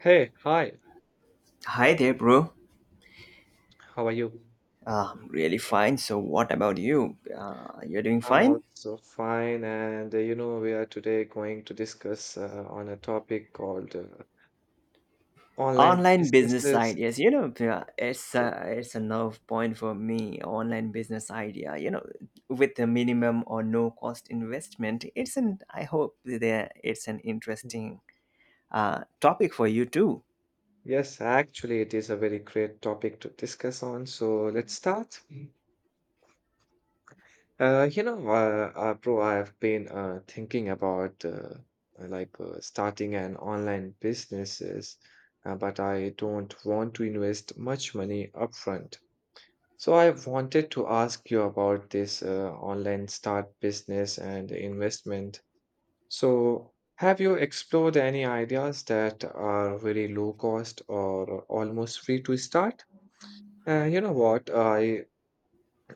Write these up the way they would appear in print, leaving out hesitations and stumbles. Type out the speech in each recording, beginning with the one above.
Hey, hi. Hi there, bro. How are you? I'm really fine. So, what about you? You're doing I'm fine? also fine, and we are today going to discuss on a topic called online Online business businesses. ideas. You know, it's Or- a, it's a nerve point for me. Online business idea. You know, with the minimum or no cost investment. It's an. I hope that it's an Mm. interesting topic for you too. Yes, actually, it is a very great topic to discuss on. So let's start. Bro, I have been thinking about starting an online businesses, but I don't want to invest much money upfront. So I wanted to ask you about this online start business and investment. So have you explored any ideas that are very low cost or almost free to start? You know what? I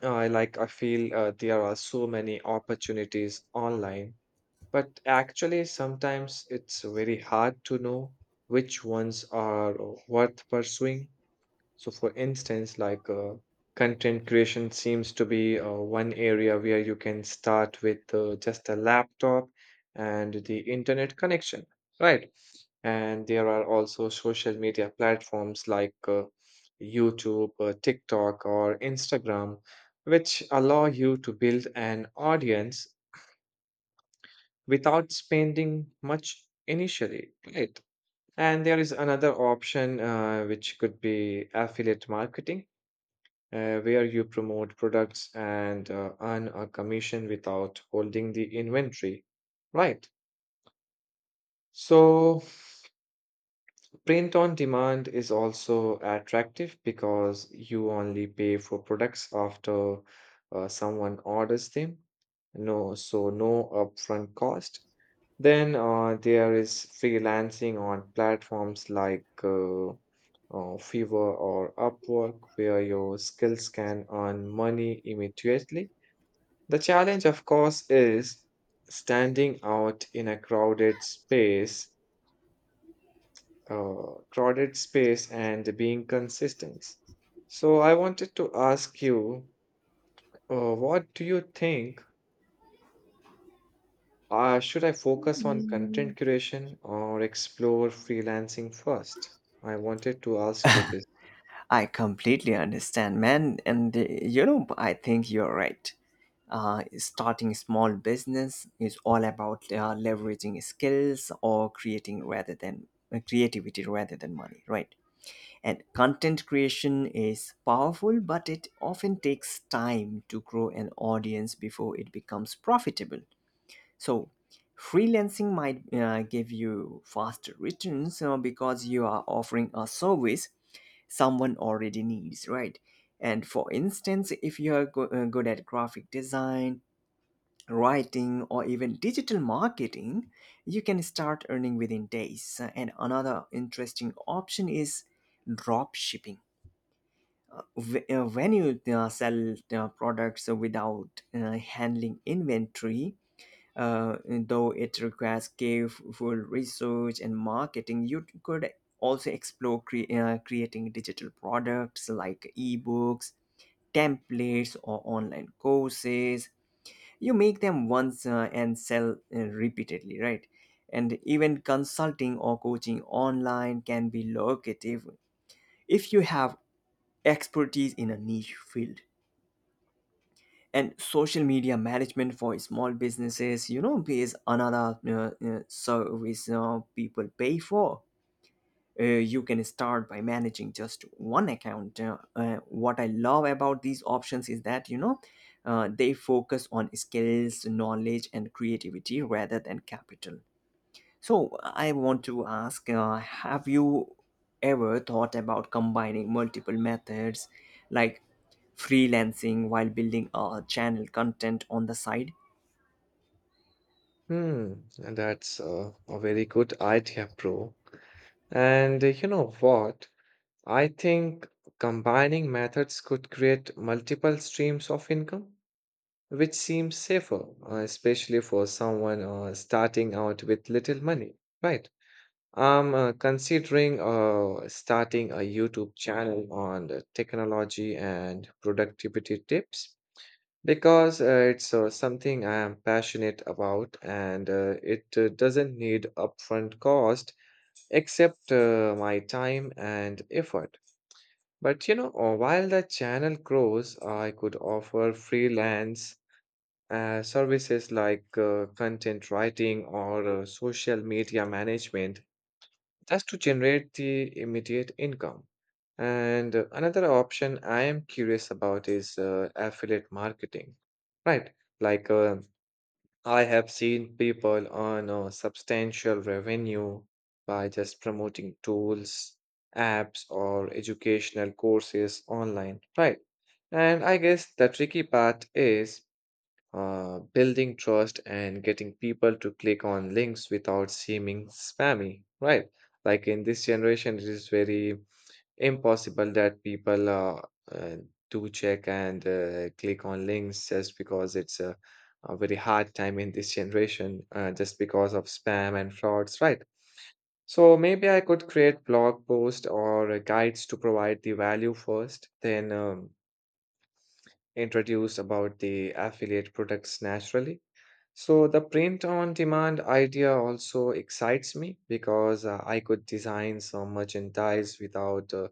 I like I feel there are so many opportunities online, but actually sometimes it's very hard to know which ones are worth pursuing. So for instance, content creation seems to be one area where you can start with just a laptop and the internet connection, right? And there are also social media platforms like YouTube, TikTok, or Instagram, which allow you to build an audience without spending much initially, right? And there is another option which could be affiliate marketing, where you promote products and earn a commission without holding the inventory, right? So print on demand is also attractive because you only pay for products after someone orders them. No, so no upfront cost. Then there is freelancing on platforms like Fiverr or Upwork, where your skills can earn money immediately. The challenge, of course, is standing out in a crowded space and being consistent. So I wanted to ask you, what do you think? Should I focus on content curation or explore freelancing first? I wanted to ask you this. I completely understand, man. And you know, I think you're right. Starting small business is all about leveraging skills or creating rather than creativity rather than money, right? And content creation is powerful, but it often takes time to grow an audience before it becomes profitable. So, freelancing might give you faster returns, you know, because you are offering a service someone already needs, right? And for instance, if you are good at graphic design, writing, or even digital marketing, you can start earning within days. And another interesting option is drop shipping. When you sell products without handling inventory, though it requires careful research and marketing, you could also explore creating digital products like ebooks, templates, or online courses. You make them once and sell repeatedly, right? And even consulting or coaching online can be lucrative if you have expertise in a niche field. And social media management for small businesses, you know, is another service people pay for. You can start by managing just one account. What I love about these options is that, you know, they focus on skills, knowledge, and creativity rather than capital. So, I want to ask, have you ever thought about combining multiple methods, like freelancing while building a channel content on the side? Hmm, that's a very good idea, bro. And you know what? I think combining methods could create multiple streams of income, which seems safer, especially for someone starting out with little money, right? I'm considering starting a YouTube channel on the technology and productivity tips because it's something I am passionate about and it doesn't need upfront cost except my time and effort. But you know, while the channel grows, I could offer freelance services like content writing or social media management just to generate the immediate income. And another option I am curious about is affiliate marketing, right? Like uh, I have seen people earn substantial revenue by just promoting tools, apps, or educational courses online, right? And I guess the tricky part is building trust and getting people to click on links without seeming spammy, right? Like in this generation, it is very impossible that people uh, do check and click on links just because a very hard time in this generation, just because of spam and frauds, right? So maybe I could create blog posts or guides to provide the value first, then introduce about the affiliate products naturally. So the print on demand idea also excites me because I could design some merchandise without uh,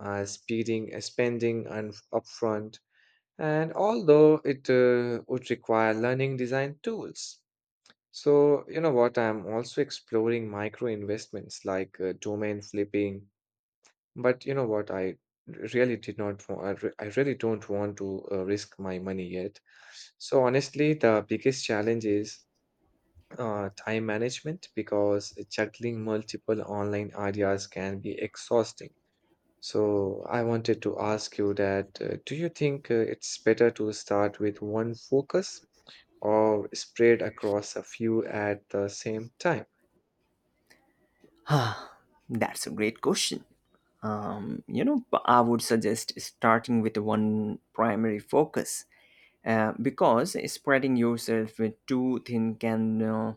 uh, speeding, uh, spending and upfront. And although it would require learning design tools. So you know what? I'm also exploring micro investments like domain flipping. But you know what? I really did not. Want. I re- I really don't want to risk my money yet. So honestly, the biggest challenge is time management because juggling multiple online ideas can be exhausting. So I wanted to ask you that do you think it's better to start with one focus or spread across a few at the same time? Ah, that's a great question. You know, but I would suggest starting with one primary focus because spreading yourself with too thin can uh,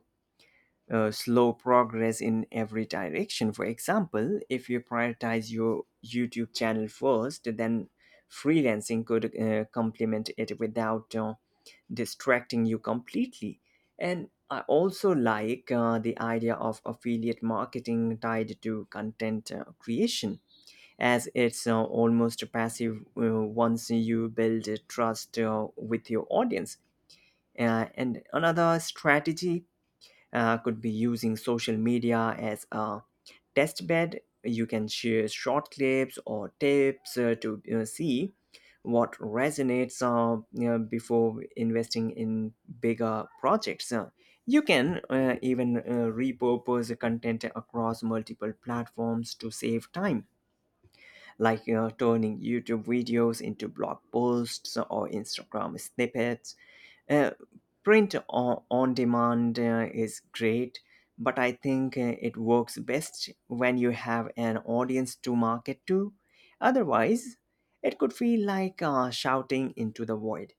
uh, slow progress in every direction. For example, if you prioritize your YouTube channel first, then freelancing could complement it without distracting you completely. And I also like the idea of affiliate marketing tied to content creation, as it's almost passive once you build trust with your audience. And another strategy could be using social media as a test bed. You can share short clips or tips to you see what resonates, you know, before investing in bigger projects. You can even repurpose the content across multiple platforms to save time, like turning YouTube videos into blog posts or Instagram snippets. uh, Print on demand is great, but I think it works best when you have an audience to market to. Otherwise, it could feel like shouting into the void.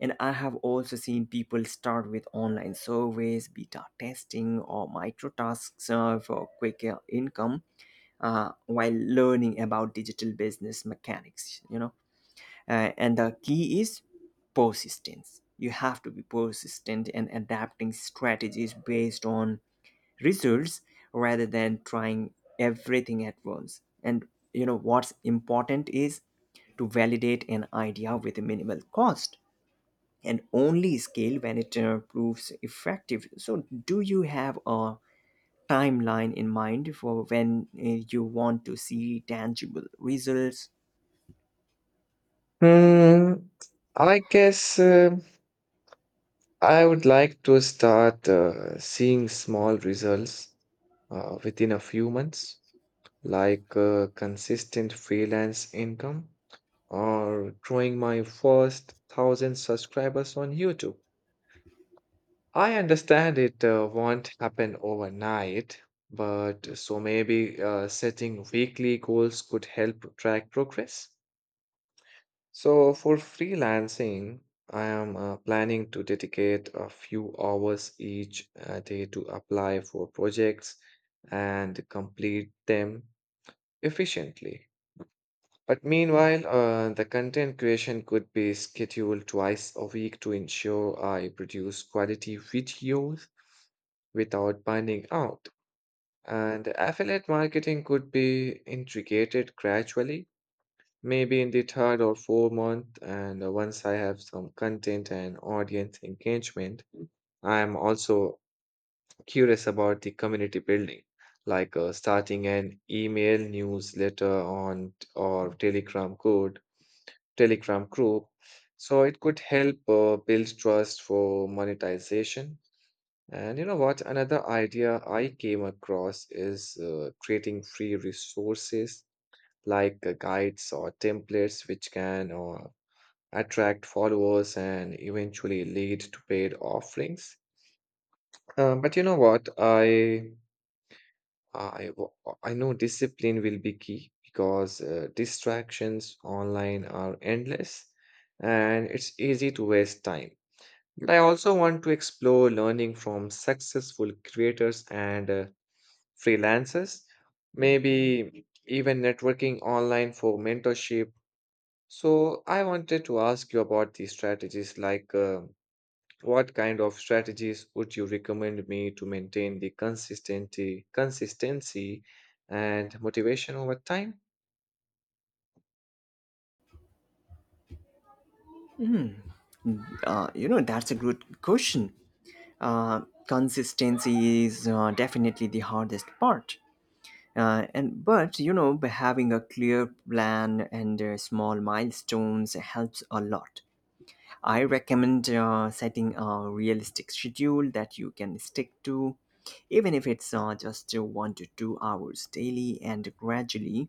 And I have also seen people start with online surveys, beta testing, or micro tasks for quicker income while learning about digital business mechanics. And the key is persistence. You have to be persistent and adapting strategies based on results rather than trying everything at once. And you know what's important is to validate an idea with a minimal cost and only scale when it proves effective. So, do you have a timeline in mind for when you want to see tangible results? Hmm, I guess I would like to start seeing small results within a few months, like consistent freelance income or growing my first thousand subscribers on YouTube. I understand it won't happen overnight, but so maybe setting weekly goals could help track progress. So, for freelancing, I am planning to dedicate a few hours each day to apply for projects and complete them efficiently. But meanwhile, the content creation could be scheduled twice a week to ensure I produce quality videos without burning out. And affiliate marketing could be integrated gradually maybe in the third or fourth month. And once I have some content and audience engagement, I'm also curious about the community building, like starting an email newsletter on or Telegram group. So it could help build trust for monetization. And you know what? Another idea I came across is creating free resources like guides or templates, which can attract followers and eventually lead to paid offerings. But you know what? I I know discipline will be key because distractions online are endless and it's easy to waste time. But I also want to explore learning from successful creators and freelancers, maybe even networking online for mentorship. So I wanted to ask you about these strategies like what kind of strategies would you recommend me to maintain the consistency and motivation over time? You know, that's a good question. uh, Consistency is definitely the hardest part, and but you know, by having a clear plan and small milestones helps a lot. I recommend setting a realistic schedule that you can stick to, even if it's just 1 to 2 hours daily, and gradually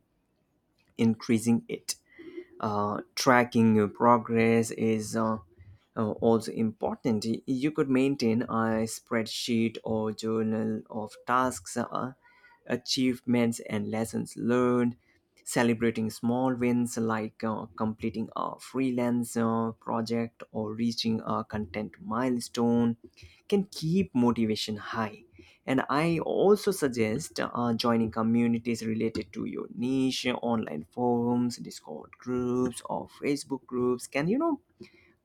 increasing it. Tracking your progress is also important. You could maintain a spreadsheet or journal of tasks, achievements, and lessons learned. Celebrating small wins like completing a freelance project or reaching a content milestone can keep motivation high. And I also suggest joining communities related to your niche. Online forums, Discord groups, or Facebook groups can, you know,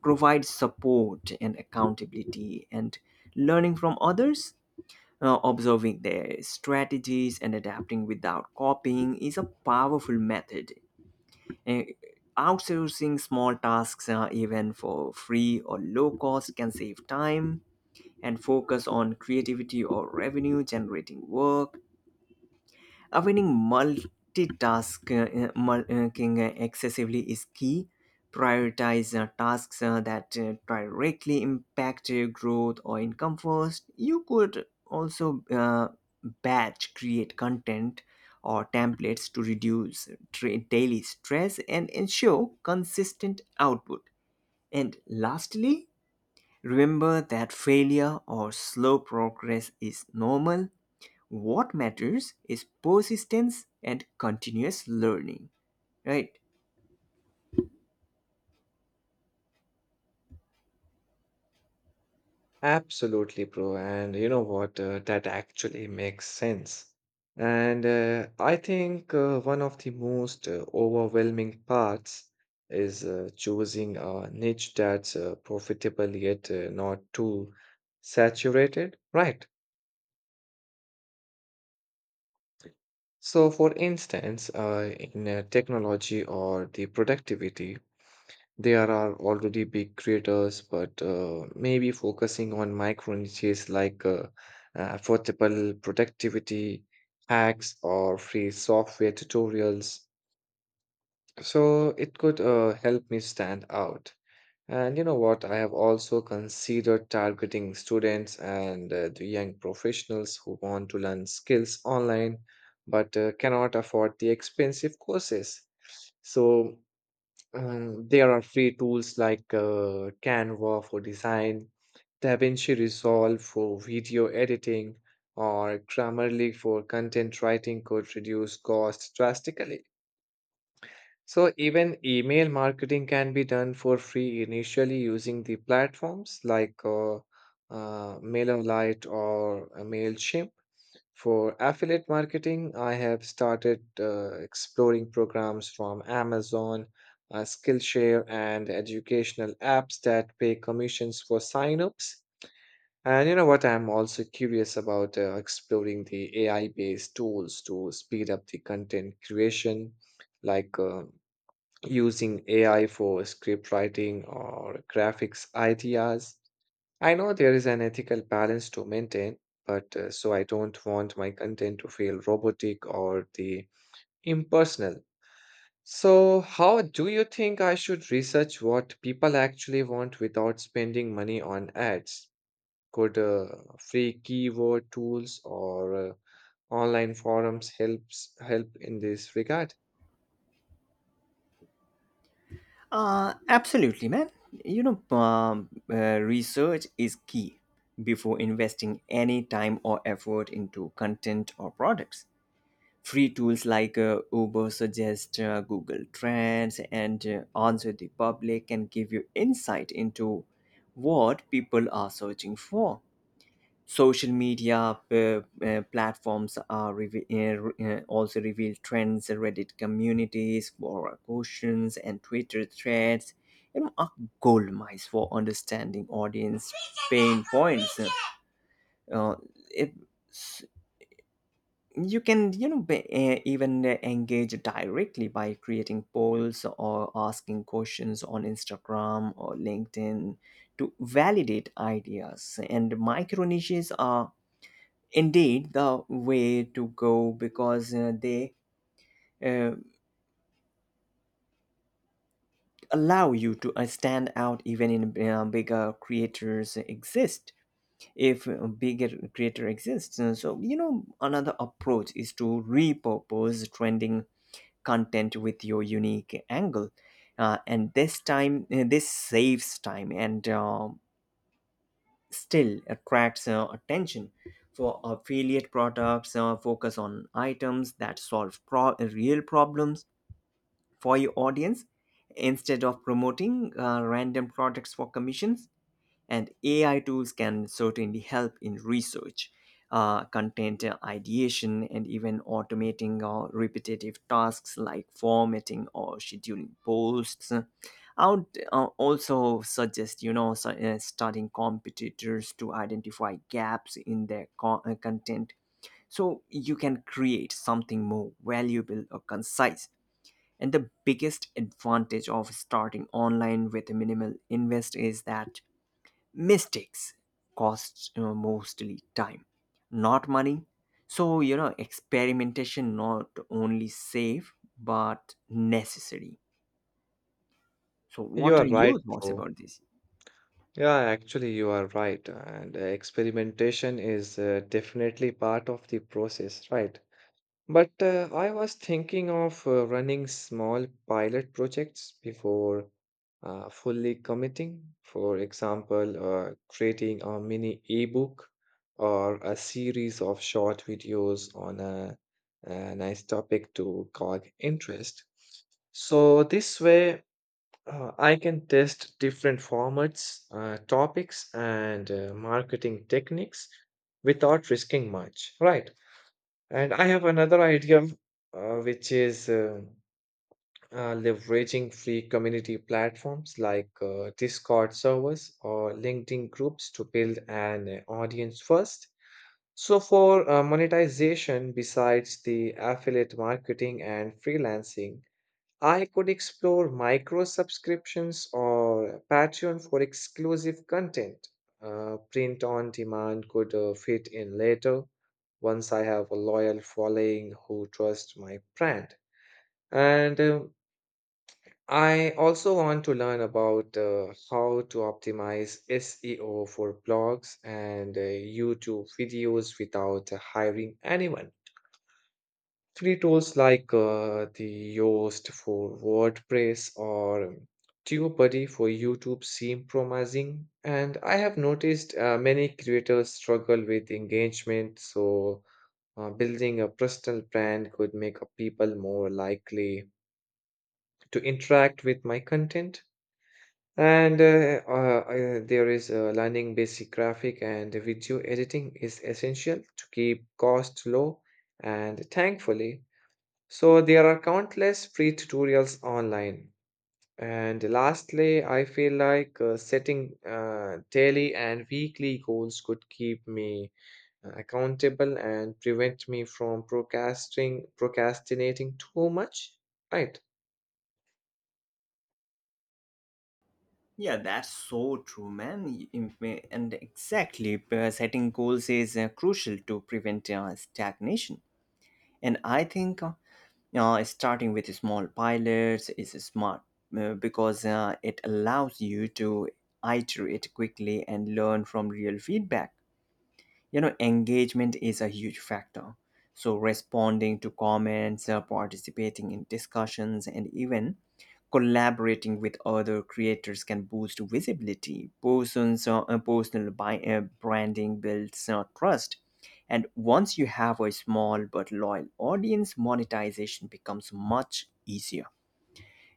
provide support and accountability and learning from others. Observing their strategies and adapting without copying is a powerful method. Uh, Outsourcing small tasks, even for free or low cost, can save time and focus on creativity or revenue generating work. Avoiding multitasking excessively is key. Prioritize tasks that directly impact your growth or income first. You could also batch create content or templates to reduce daily stress and ensure consistent output. And lastly, remember that failure or slow progress is normal. What matters is persistence and continuous learning, right? Absolutely, bro. And you know what? That actually makes sense. And I think one of the most overwhelming parts is choosing a niche that's profitable yet not too saturated, right? So, for instance, in technology or the productivity, there are already big creators, but maybe focusing on micro niches like affordable productivity hacks or free software tutorials. So it could help me stand out. And you know what? I have also considered targeting students and the young professionals who want to learn skills online but cannot afford the expensive courses. So there are free tools like Canva for design, DaVinci Resolve for video editing, or Grammarly for content writing could reduce costs drastically. So, even email marketing can be done for free initially using the platforms like MailerLite or MailChimp. For affiliate marketing, I have started exploring programs from Amazon, Skillshare, and educational apps that pay commissions for signups. And you know what? I'm also curious about exploring the AI-based tools to speed up the content creation, like uh, using AI for script writing or graphics ideas. I know there is an ethical balance to maintain, but so I don't want my content to feel robotic or the impersonal. So, how do you think I should research what people actually want without spending money on ads? Could free keyword tools or online forums help in this regard? Absolutely, man. You know, research is key before investing any time or effort into content or products. Free tools like uber suggest Google Trends, and Answer The Public can give you insight into what people are searching for. Social media platforms are also reveal trends. Reddit communities, Quora questions, and Twitter threads, you know, are gold mines for understanding audience pain points. uh, it, s- you can, you know, be, even engage directly by creating polls or asking questions on Instagram or LinkedIn to validate ideas. And micro niches are indeed the way to go because they uh, allow you to stand out even in bigger creators exist if a bigger creator exists. So you know, another approach is to repurpose trending content with your unique angle, and this time this saves time and still attracts attention. For affiliate products, focus on items that solve real problems for your audience instead of promoting random products for commissions. And AI tools can certainly help in research, content ideation, and even automating repetitive tasks like formatting or scheduling posts. I would also suggest, you know, studying competitors to identify gaps in their content so you can create something more valuable or concise. And the biggest advantage of starting online with minimal invest is that mistakes cost, you know, mostly time, not money. So, you know, experimentation not only safe but necessary. So, You what are are right, your thoughts bro. about this? Yeah, actually, you are right. And experimentation is definitely part of the process, right? But I was thinking of running small pilot projects before fully committing. For example, creating a mini ebook or a series of short videos on a nice topic to cog interest. So this way, I can test different formats, topics, and marketing techniques without risking much, right? And I have another idea, which is leveraging free community platforms like Discord servers or LinkedIn groups to build an audience first. So, for monetization, besides the affiliate marketing and freelancing, I could explore micro subscriptions or Patreon for exclusive content. Print on demand could fit in later once I have a loyal following who trust my brand. And I also want to learn about how to optimize SEO for blogs and YouTube videos without hiring anyone. Free tools like the Yoast for WordPress or TubeBuddy for YouTube seem promising. And I have noticed many creators struggle with engagement, so building a personal brand could make people more likely to interact with my content. And there is learning basic graphic and video editing is essential to keep costs low. And thankfully, so there are countless free tutorials online. And lastly, I feel like setting daily and weekly goals could keep me accountable and prevent me from procrastinating too much. Right. Yeah, that's so true, man. And exactly, setting goals is crucial to prevent stagnation. And I think starting with small pilots is smart because it allows you to iterate quickly and learn from real feedback. You know, engagement is a huge factor. So responding to comments, participating in discussions, and even collaborating with other creators can boost visibility. Persons Personal branding builds trust, and once you have a small but loyal audience, monetization becomes much easier.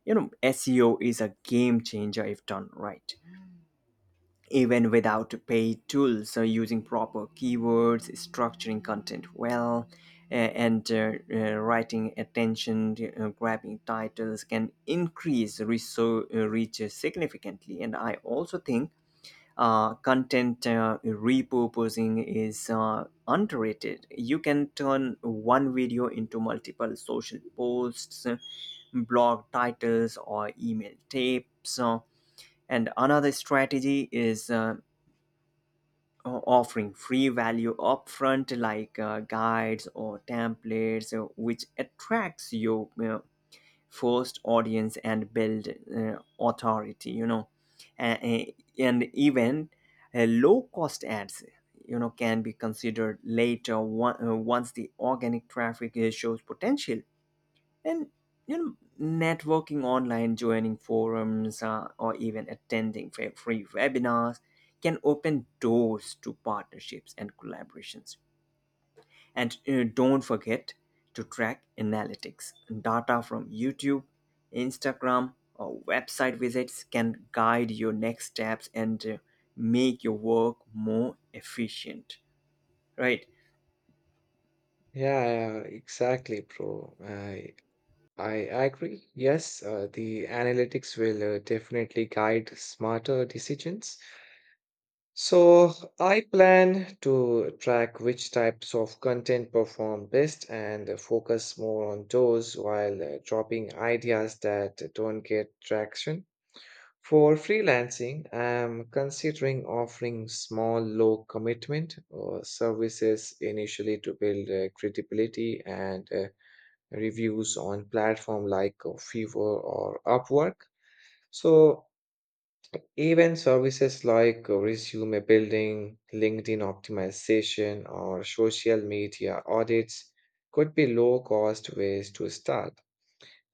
You know, SEO is a game changer if done right. Even without paid tools, using proper keywords, structuring content well, a- and writing attention grabbing titles can increase reach significantly. And I also think content repurposing is underrated. You can turn one video into multiple social posts, blog titles, or email tapes. And another strategy is offering free value upfront like guides or templates, which attracts your first audience and build authority, you know. A- a- and even low cost ads, you know, can be considered later, One once the organic traffic shows potential. And you know, networking online, joining forums, or even attending free webinars can open doors to partnerships and collaborations. And don't forget to track analytics. Data from YouTube, Instagram, or website visits can guide your next steps and make your work more efficient, right? Yeah, yeah, exactly, bro. I agree. Yes, the analytics will definitely guide smarter decisions. So I plan to track which types of content perform best and focus more on those while dropping ideas that don't get traction. For freelancing, I'm considering offering small, low commitment services initially to build credibility and reviews on platform like Fiverr or Upwork. So even services like resume building, LinkedIn optimization, or social media audits could be low cost ways to start.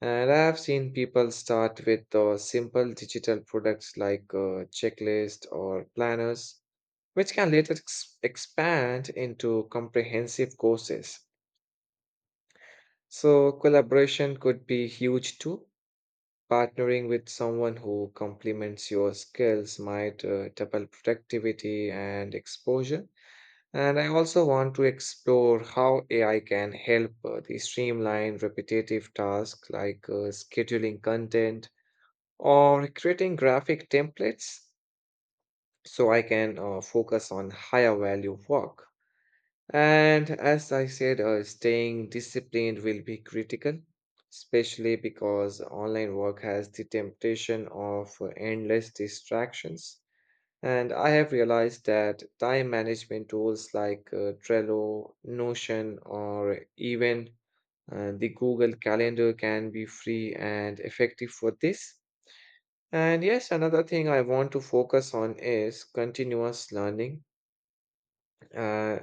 And I've seen people start with simple digital products like checklist or planners, which can later expand into comprehensive courses. So collaboration could be huge too. Partnering with someone who complements your skills might double productivity and exposure. And I also want to explore how AI can help the streamline repetitive tasks like scheduling content or creating graphic templates so I can focus on higher value work. And as I said, staying disciplined will be critical, especially because online work has the temptation of endless distractions. And I have realized that time management tools like Trello, Notion, or even the Google Calendar can be free and effective for this. And yes, another thing I want to focus on is continuous learning. Uh,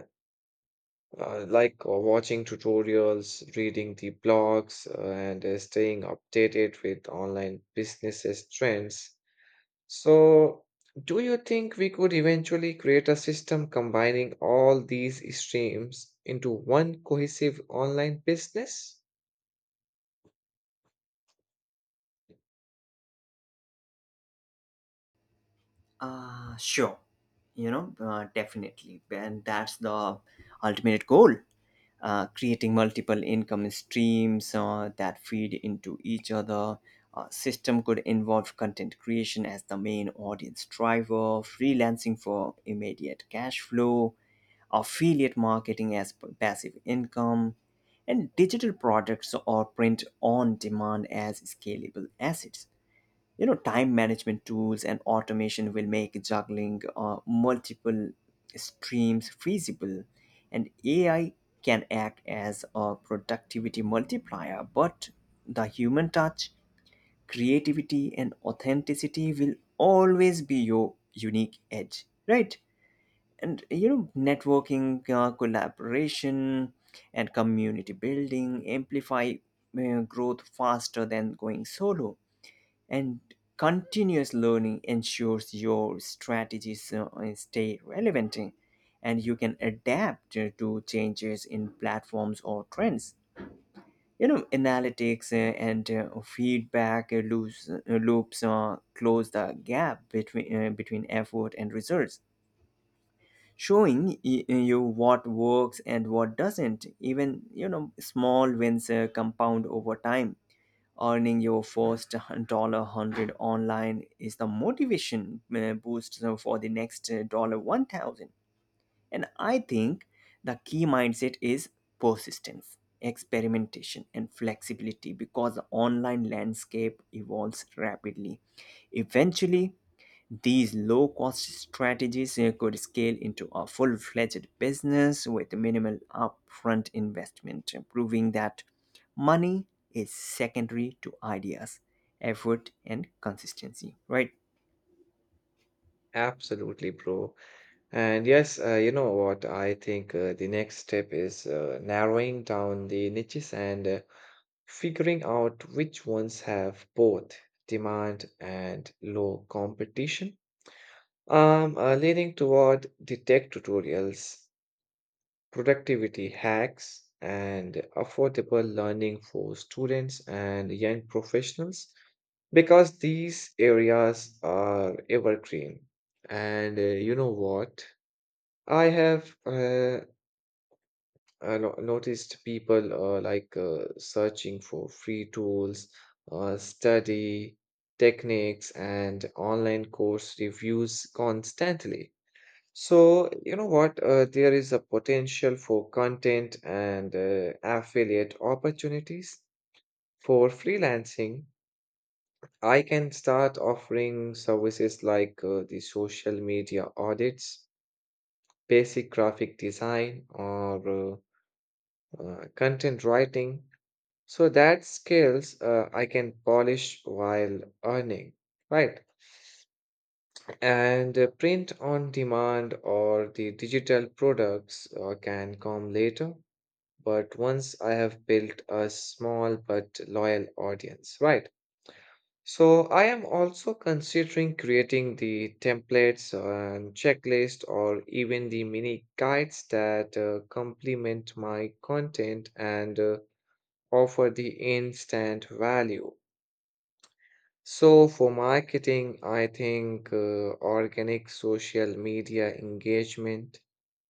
like watching tutorials, reading the blogs, and staying updated with online businesses trends. So, do you think we could eventually create a system combining all these streams into one cohesive online business? Sure. You know, definitely, and that's the ultimate goal. Creating multiple income streams that feed into each other. System could involve content creation as the main audience driver, freelancing for immediate cash flow, affiliate marketing as passive income, and digital products or print on demand as scalable assets. You know, time management tools and automation will make juggling multiple streams feasible. And AI can act as a productivity multiplier, but the human touch, creativity, and authenticity will always be your unique edge, right? And you know, networking, collaboration, and community building amplify growth faster than going solo. And continuous learning ensures your strategies stay relevant, and you can adapt to changes in platforms or trends. You know, analytics and feedback loops close the gap between effort and results, showing you what works and what doesn't. Even, you know, small wins compound over time. Earning your first dollar 100 online is the motivation boost so for the next dollar 1,000. And I think the key mindset is persistence, experimentation, and flexibility because the online landscape evolves rapidly. Eventually, these low cost strategies could scale into a full fledged business with minimal upfront investment, proving that money is secondary to ideas, effort, and consistency, right? Absolutely, bro. And yes, you know what? I think the next step is narrowing down the niches and figuring out which ones have both demand and low competition, leaning toward the tech tutorials, productivity hacks, and affordable learning for students and young professionals, because these areas are evergreen. And you know what? I have uh, I noticed people searching for free tools, study techniques, and online course reviews constantly. So, you know what? There is a potential for content and affiliate opportunities. For freelancing, I can start offering services like the social media audits, basic graphic design, or content writing so that skills I can polish while earning, right. And print on demand or the digital products can come later, but once I have built a small but loyal audience, right. So I am also considering creating the templates and checklist or even the mini guides that complement my content and offer the instant value. So, for marketing, I think organic social media engagement,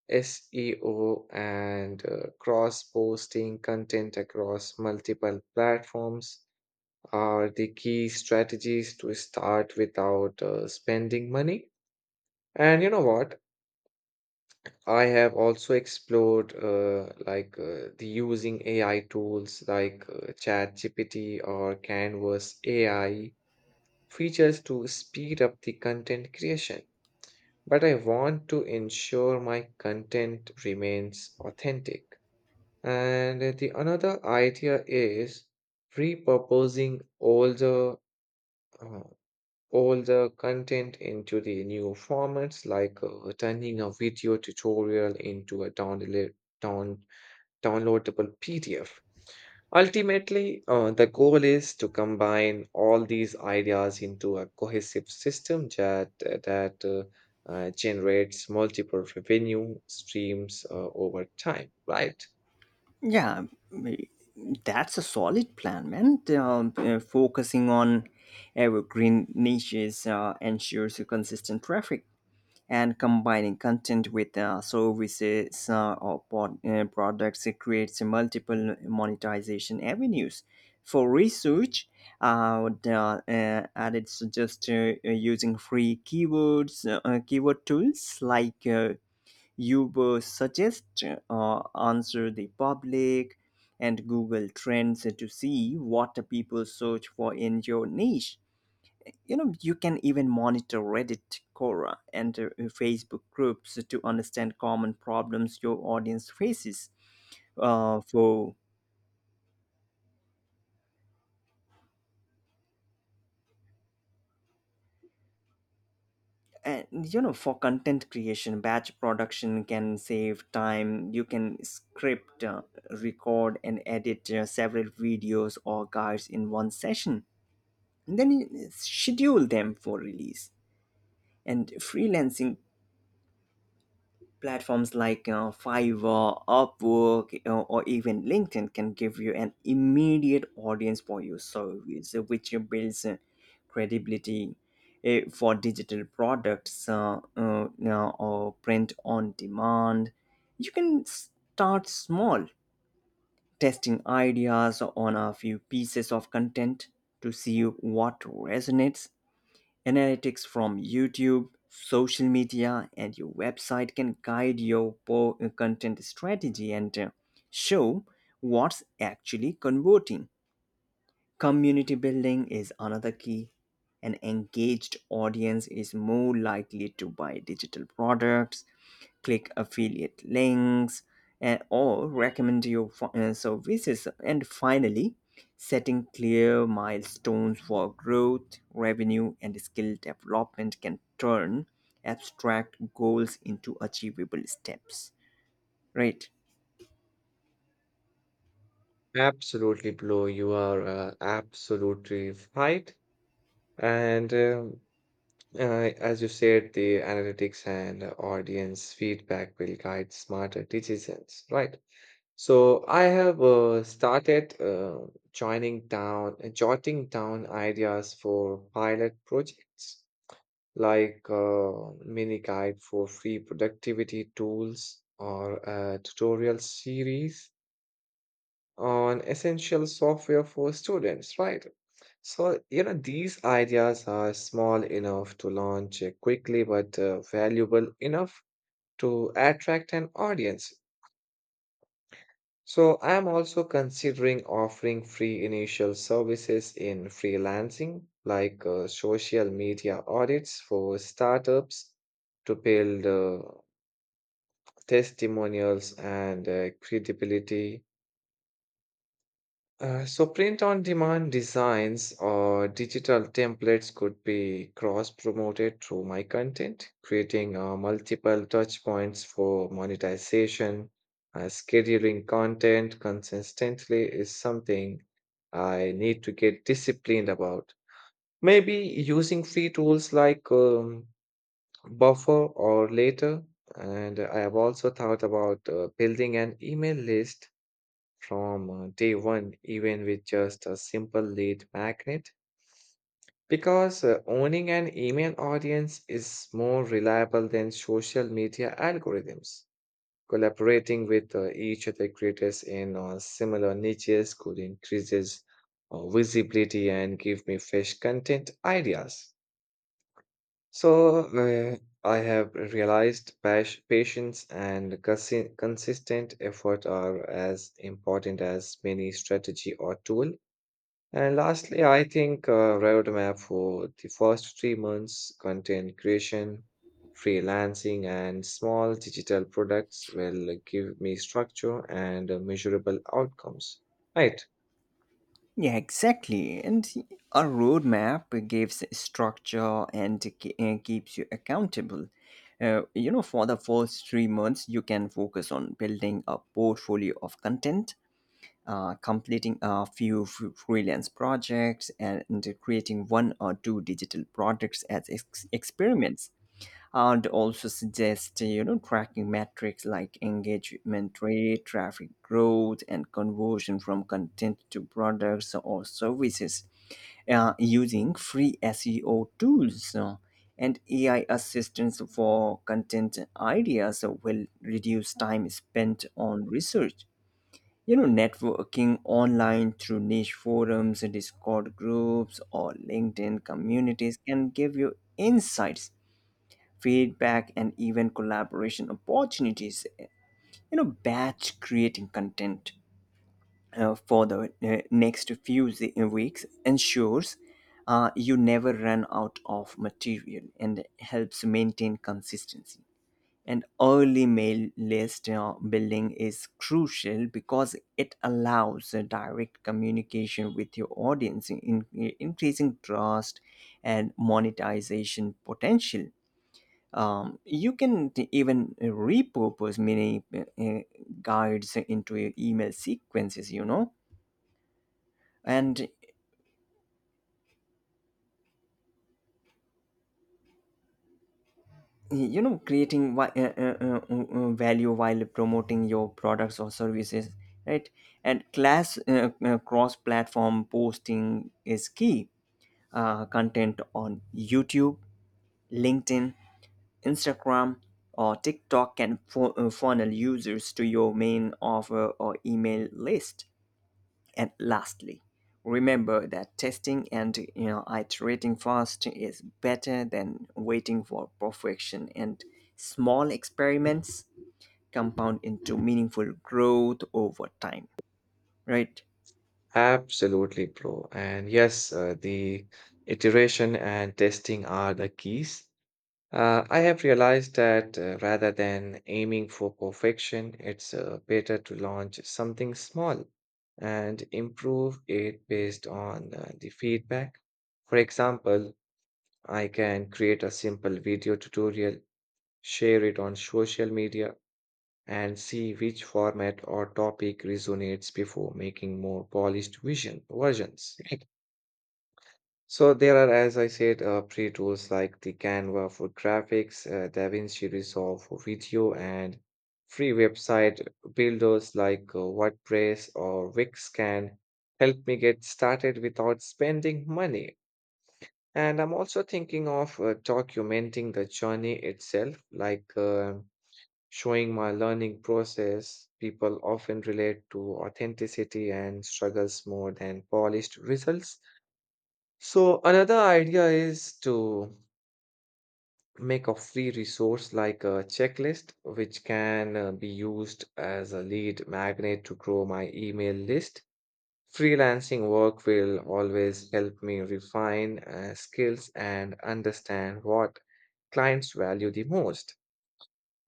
SEO, and cross posting content across multiple platforms are the key strategies to start without spending money. And you know what? I have also explored the using AI tools like ChatGPT or Canvas AI features to speed up the content creation, but I want to ensure my content remains authentic. And the another idea is repurposing uh, all the content into the new formats, like turning a video tutorial into a down, downloadable PDF. Ultimately, the goal is to combine all these ideas into a cohesive system that generates multiple revenue streams over time, right? Yeah, that's a solid plan, man. Focusing on evergreen niches ensures a consistent traffic, and combining content with services or products, it creates multiple monetization avenues for research and it's just using free keywords keyword tools like Uber Suggest, Answer the Public, and Google Trends to see what the people search for in your niche. You know, you can even monitor Reddit, Quora, and Facebook groups to understand common problems your audience faces. Uh, for and you know, for content creation, batch production can save time. You can script, record, and edit several videos or guides in one session, and then you schedule them for release. And freelancing platforms like, you know, Fiverr, Upwork, you know, or even LinkedIn can give you an immediate audience for your service, which builds credibility for digital products, you know, or print on demand. You can start small, testing ideas on a few pieces of content to see what resonates. Analytics from YouTube, social media, and your website can guide your content strategy and show what's actually converting. Community building is another key. An engaged audience is more likely to buy digital products, click affiliate links, and, or recommend your services. And finally, setting clear milestones for growth, revenue, and skill development can turn abstract goals into achievable steps. Right? Absolutely, Blue. You are absolutely right. And as you said, the analytics and audience feedback will guide smarter decisions, right? So I have started jotting down ideas for pilot projects, like mini guide for free productivity tools or a tutorial series on essential software for students, right? So, you know, these ideas are small enough to launch quickly, but valuable enough to attract an audience. So, I am also considering offering free initial services in freelancing, like social media audits for startups to build testimonials and credibility. So print on demand designs or digital templates could be cross promoted through my content, creating multiple touch points for monetization. Scheduling content consistently is something I need to get disciplined about. Maybe using free tools like Buffer or Later. And I have also thought about building an email list from day one, even with just a simple lead magnet. Because owning an email audience is more reliable than social media algorithms. Collaborating with each other creators in similar niches could increases visibility and give me fresh content ideas. So I have realized patience and consistent effort are as important as many strategy or tool. And lastly, I think a roadmap for the first 3 months content creation, freelancing, and small digital products will give me structure and measurable outcomes. Right. Yeah, exactly. And a roadmap gives structure and keeps you accountable. You know, for the first 3 months, you can focus on building a portfolio of content, completing a few freelance projects, and creating one or two digital products as experiments. I'd also suggest, you know, tracking metrics like engagement rate, traffic growth, and conversion from content to products or services using free SEO tools, and AI assistance for content ideas will reduce time spent on research. You know, networking online through niche forums, Discord groups, or LinkedIn communities can give you insights, feedback, and even collaboration opportunities. You know, batch creating content for the next few weeks ensures you never run out of material and helps maintain consistency. And early mail list building is crucial because it allows a direct communication with your audience, increasing trust and monetization potential. You can even repurpose many guides into your email sequences, you know, and you know, creating value while promoting your products or services, right? And class cross-platform posting is key. Content on YouTube, LinkedIn, Instagram, or TikTok can funnel users to your main offer or email list. And lastly, remember that testing and, you know, iterating fast is better than waiting for perfection, and small experiments compound into meaningful growth over time, right? Absolutely, bro. And yes, the iteration and testing are the keys. I have realized that rather than aiming for perfection, it's better to launch something small and improve it based on the feedback. For example, I can create a simple video tutorial, share it on social media, and see which format or topic resonates before making more polished vision versions. So there are, as I said, free tools like the Canva for graphics, DaVinci Resolve for video, and free website builders like WordPress or Wix can help me get started without spending money. And I'm also thinking of documenting the journey itself, like showing my learning process. People often relate to authenticity and struggles more than polished results. So another idea is to make a free resource like a checklist, which can be used as a lead magnet to grow my email list. Freelancing work will always help me refine skills and understand what clients value the most.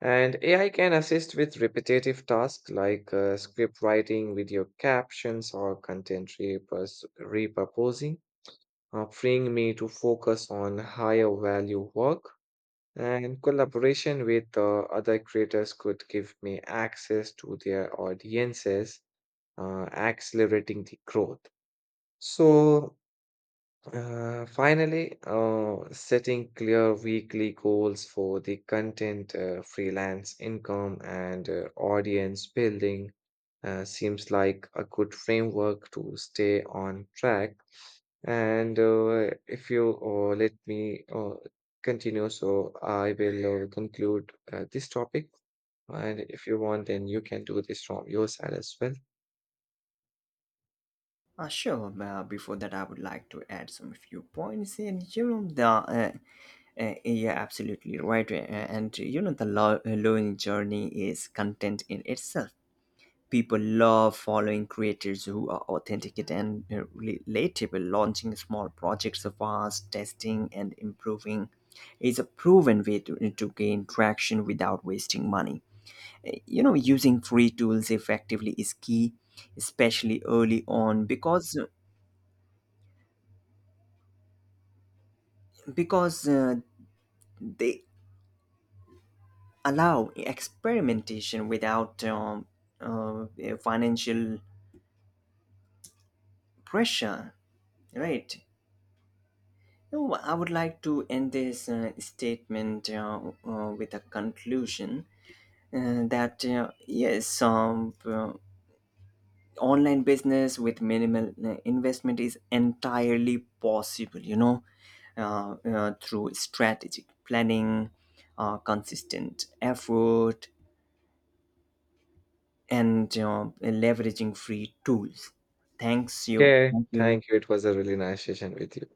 And AI can assist with repetitive tasks like script writing, video captions, or content repurposing, freeing me to focus on higher value work. And collaboration with other creators could give me access to their audiences, accelerating the growth. So, finally, setting clear weekly goals for the content, freelance income, and audience building seems like a good framework to stay on track. And if you let me continue, so I will conclude this topic. And if you want, then you can do this from your side as well. Sure. Before that, I would like to add some few points. And you know, the yeah, absolutely right. And you know, the learning journey is content in itself. People love following creators who are authentic and relatable. Launching small projects fast, testing and improving is a proven way to gain traction without wasting money. You know, using free tools effectively is key, especially early on, because they allow experimentation without financial pressure, right? No, I would like to end this statement with a conclusion that yes, online business with minimal investment is entirely possible. You know, through strategic planning, consistent effort, and leveraging free tools. Thanks you. Okay, Thank you. thank you. It was a really nice session with you.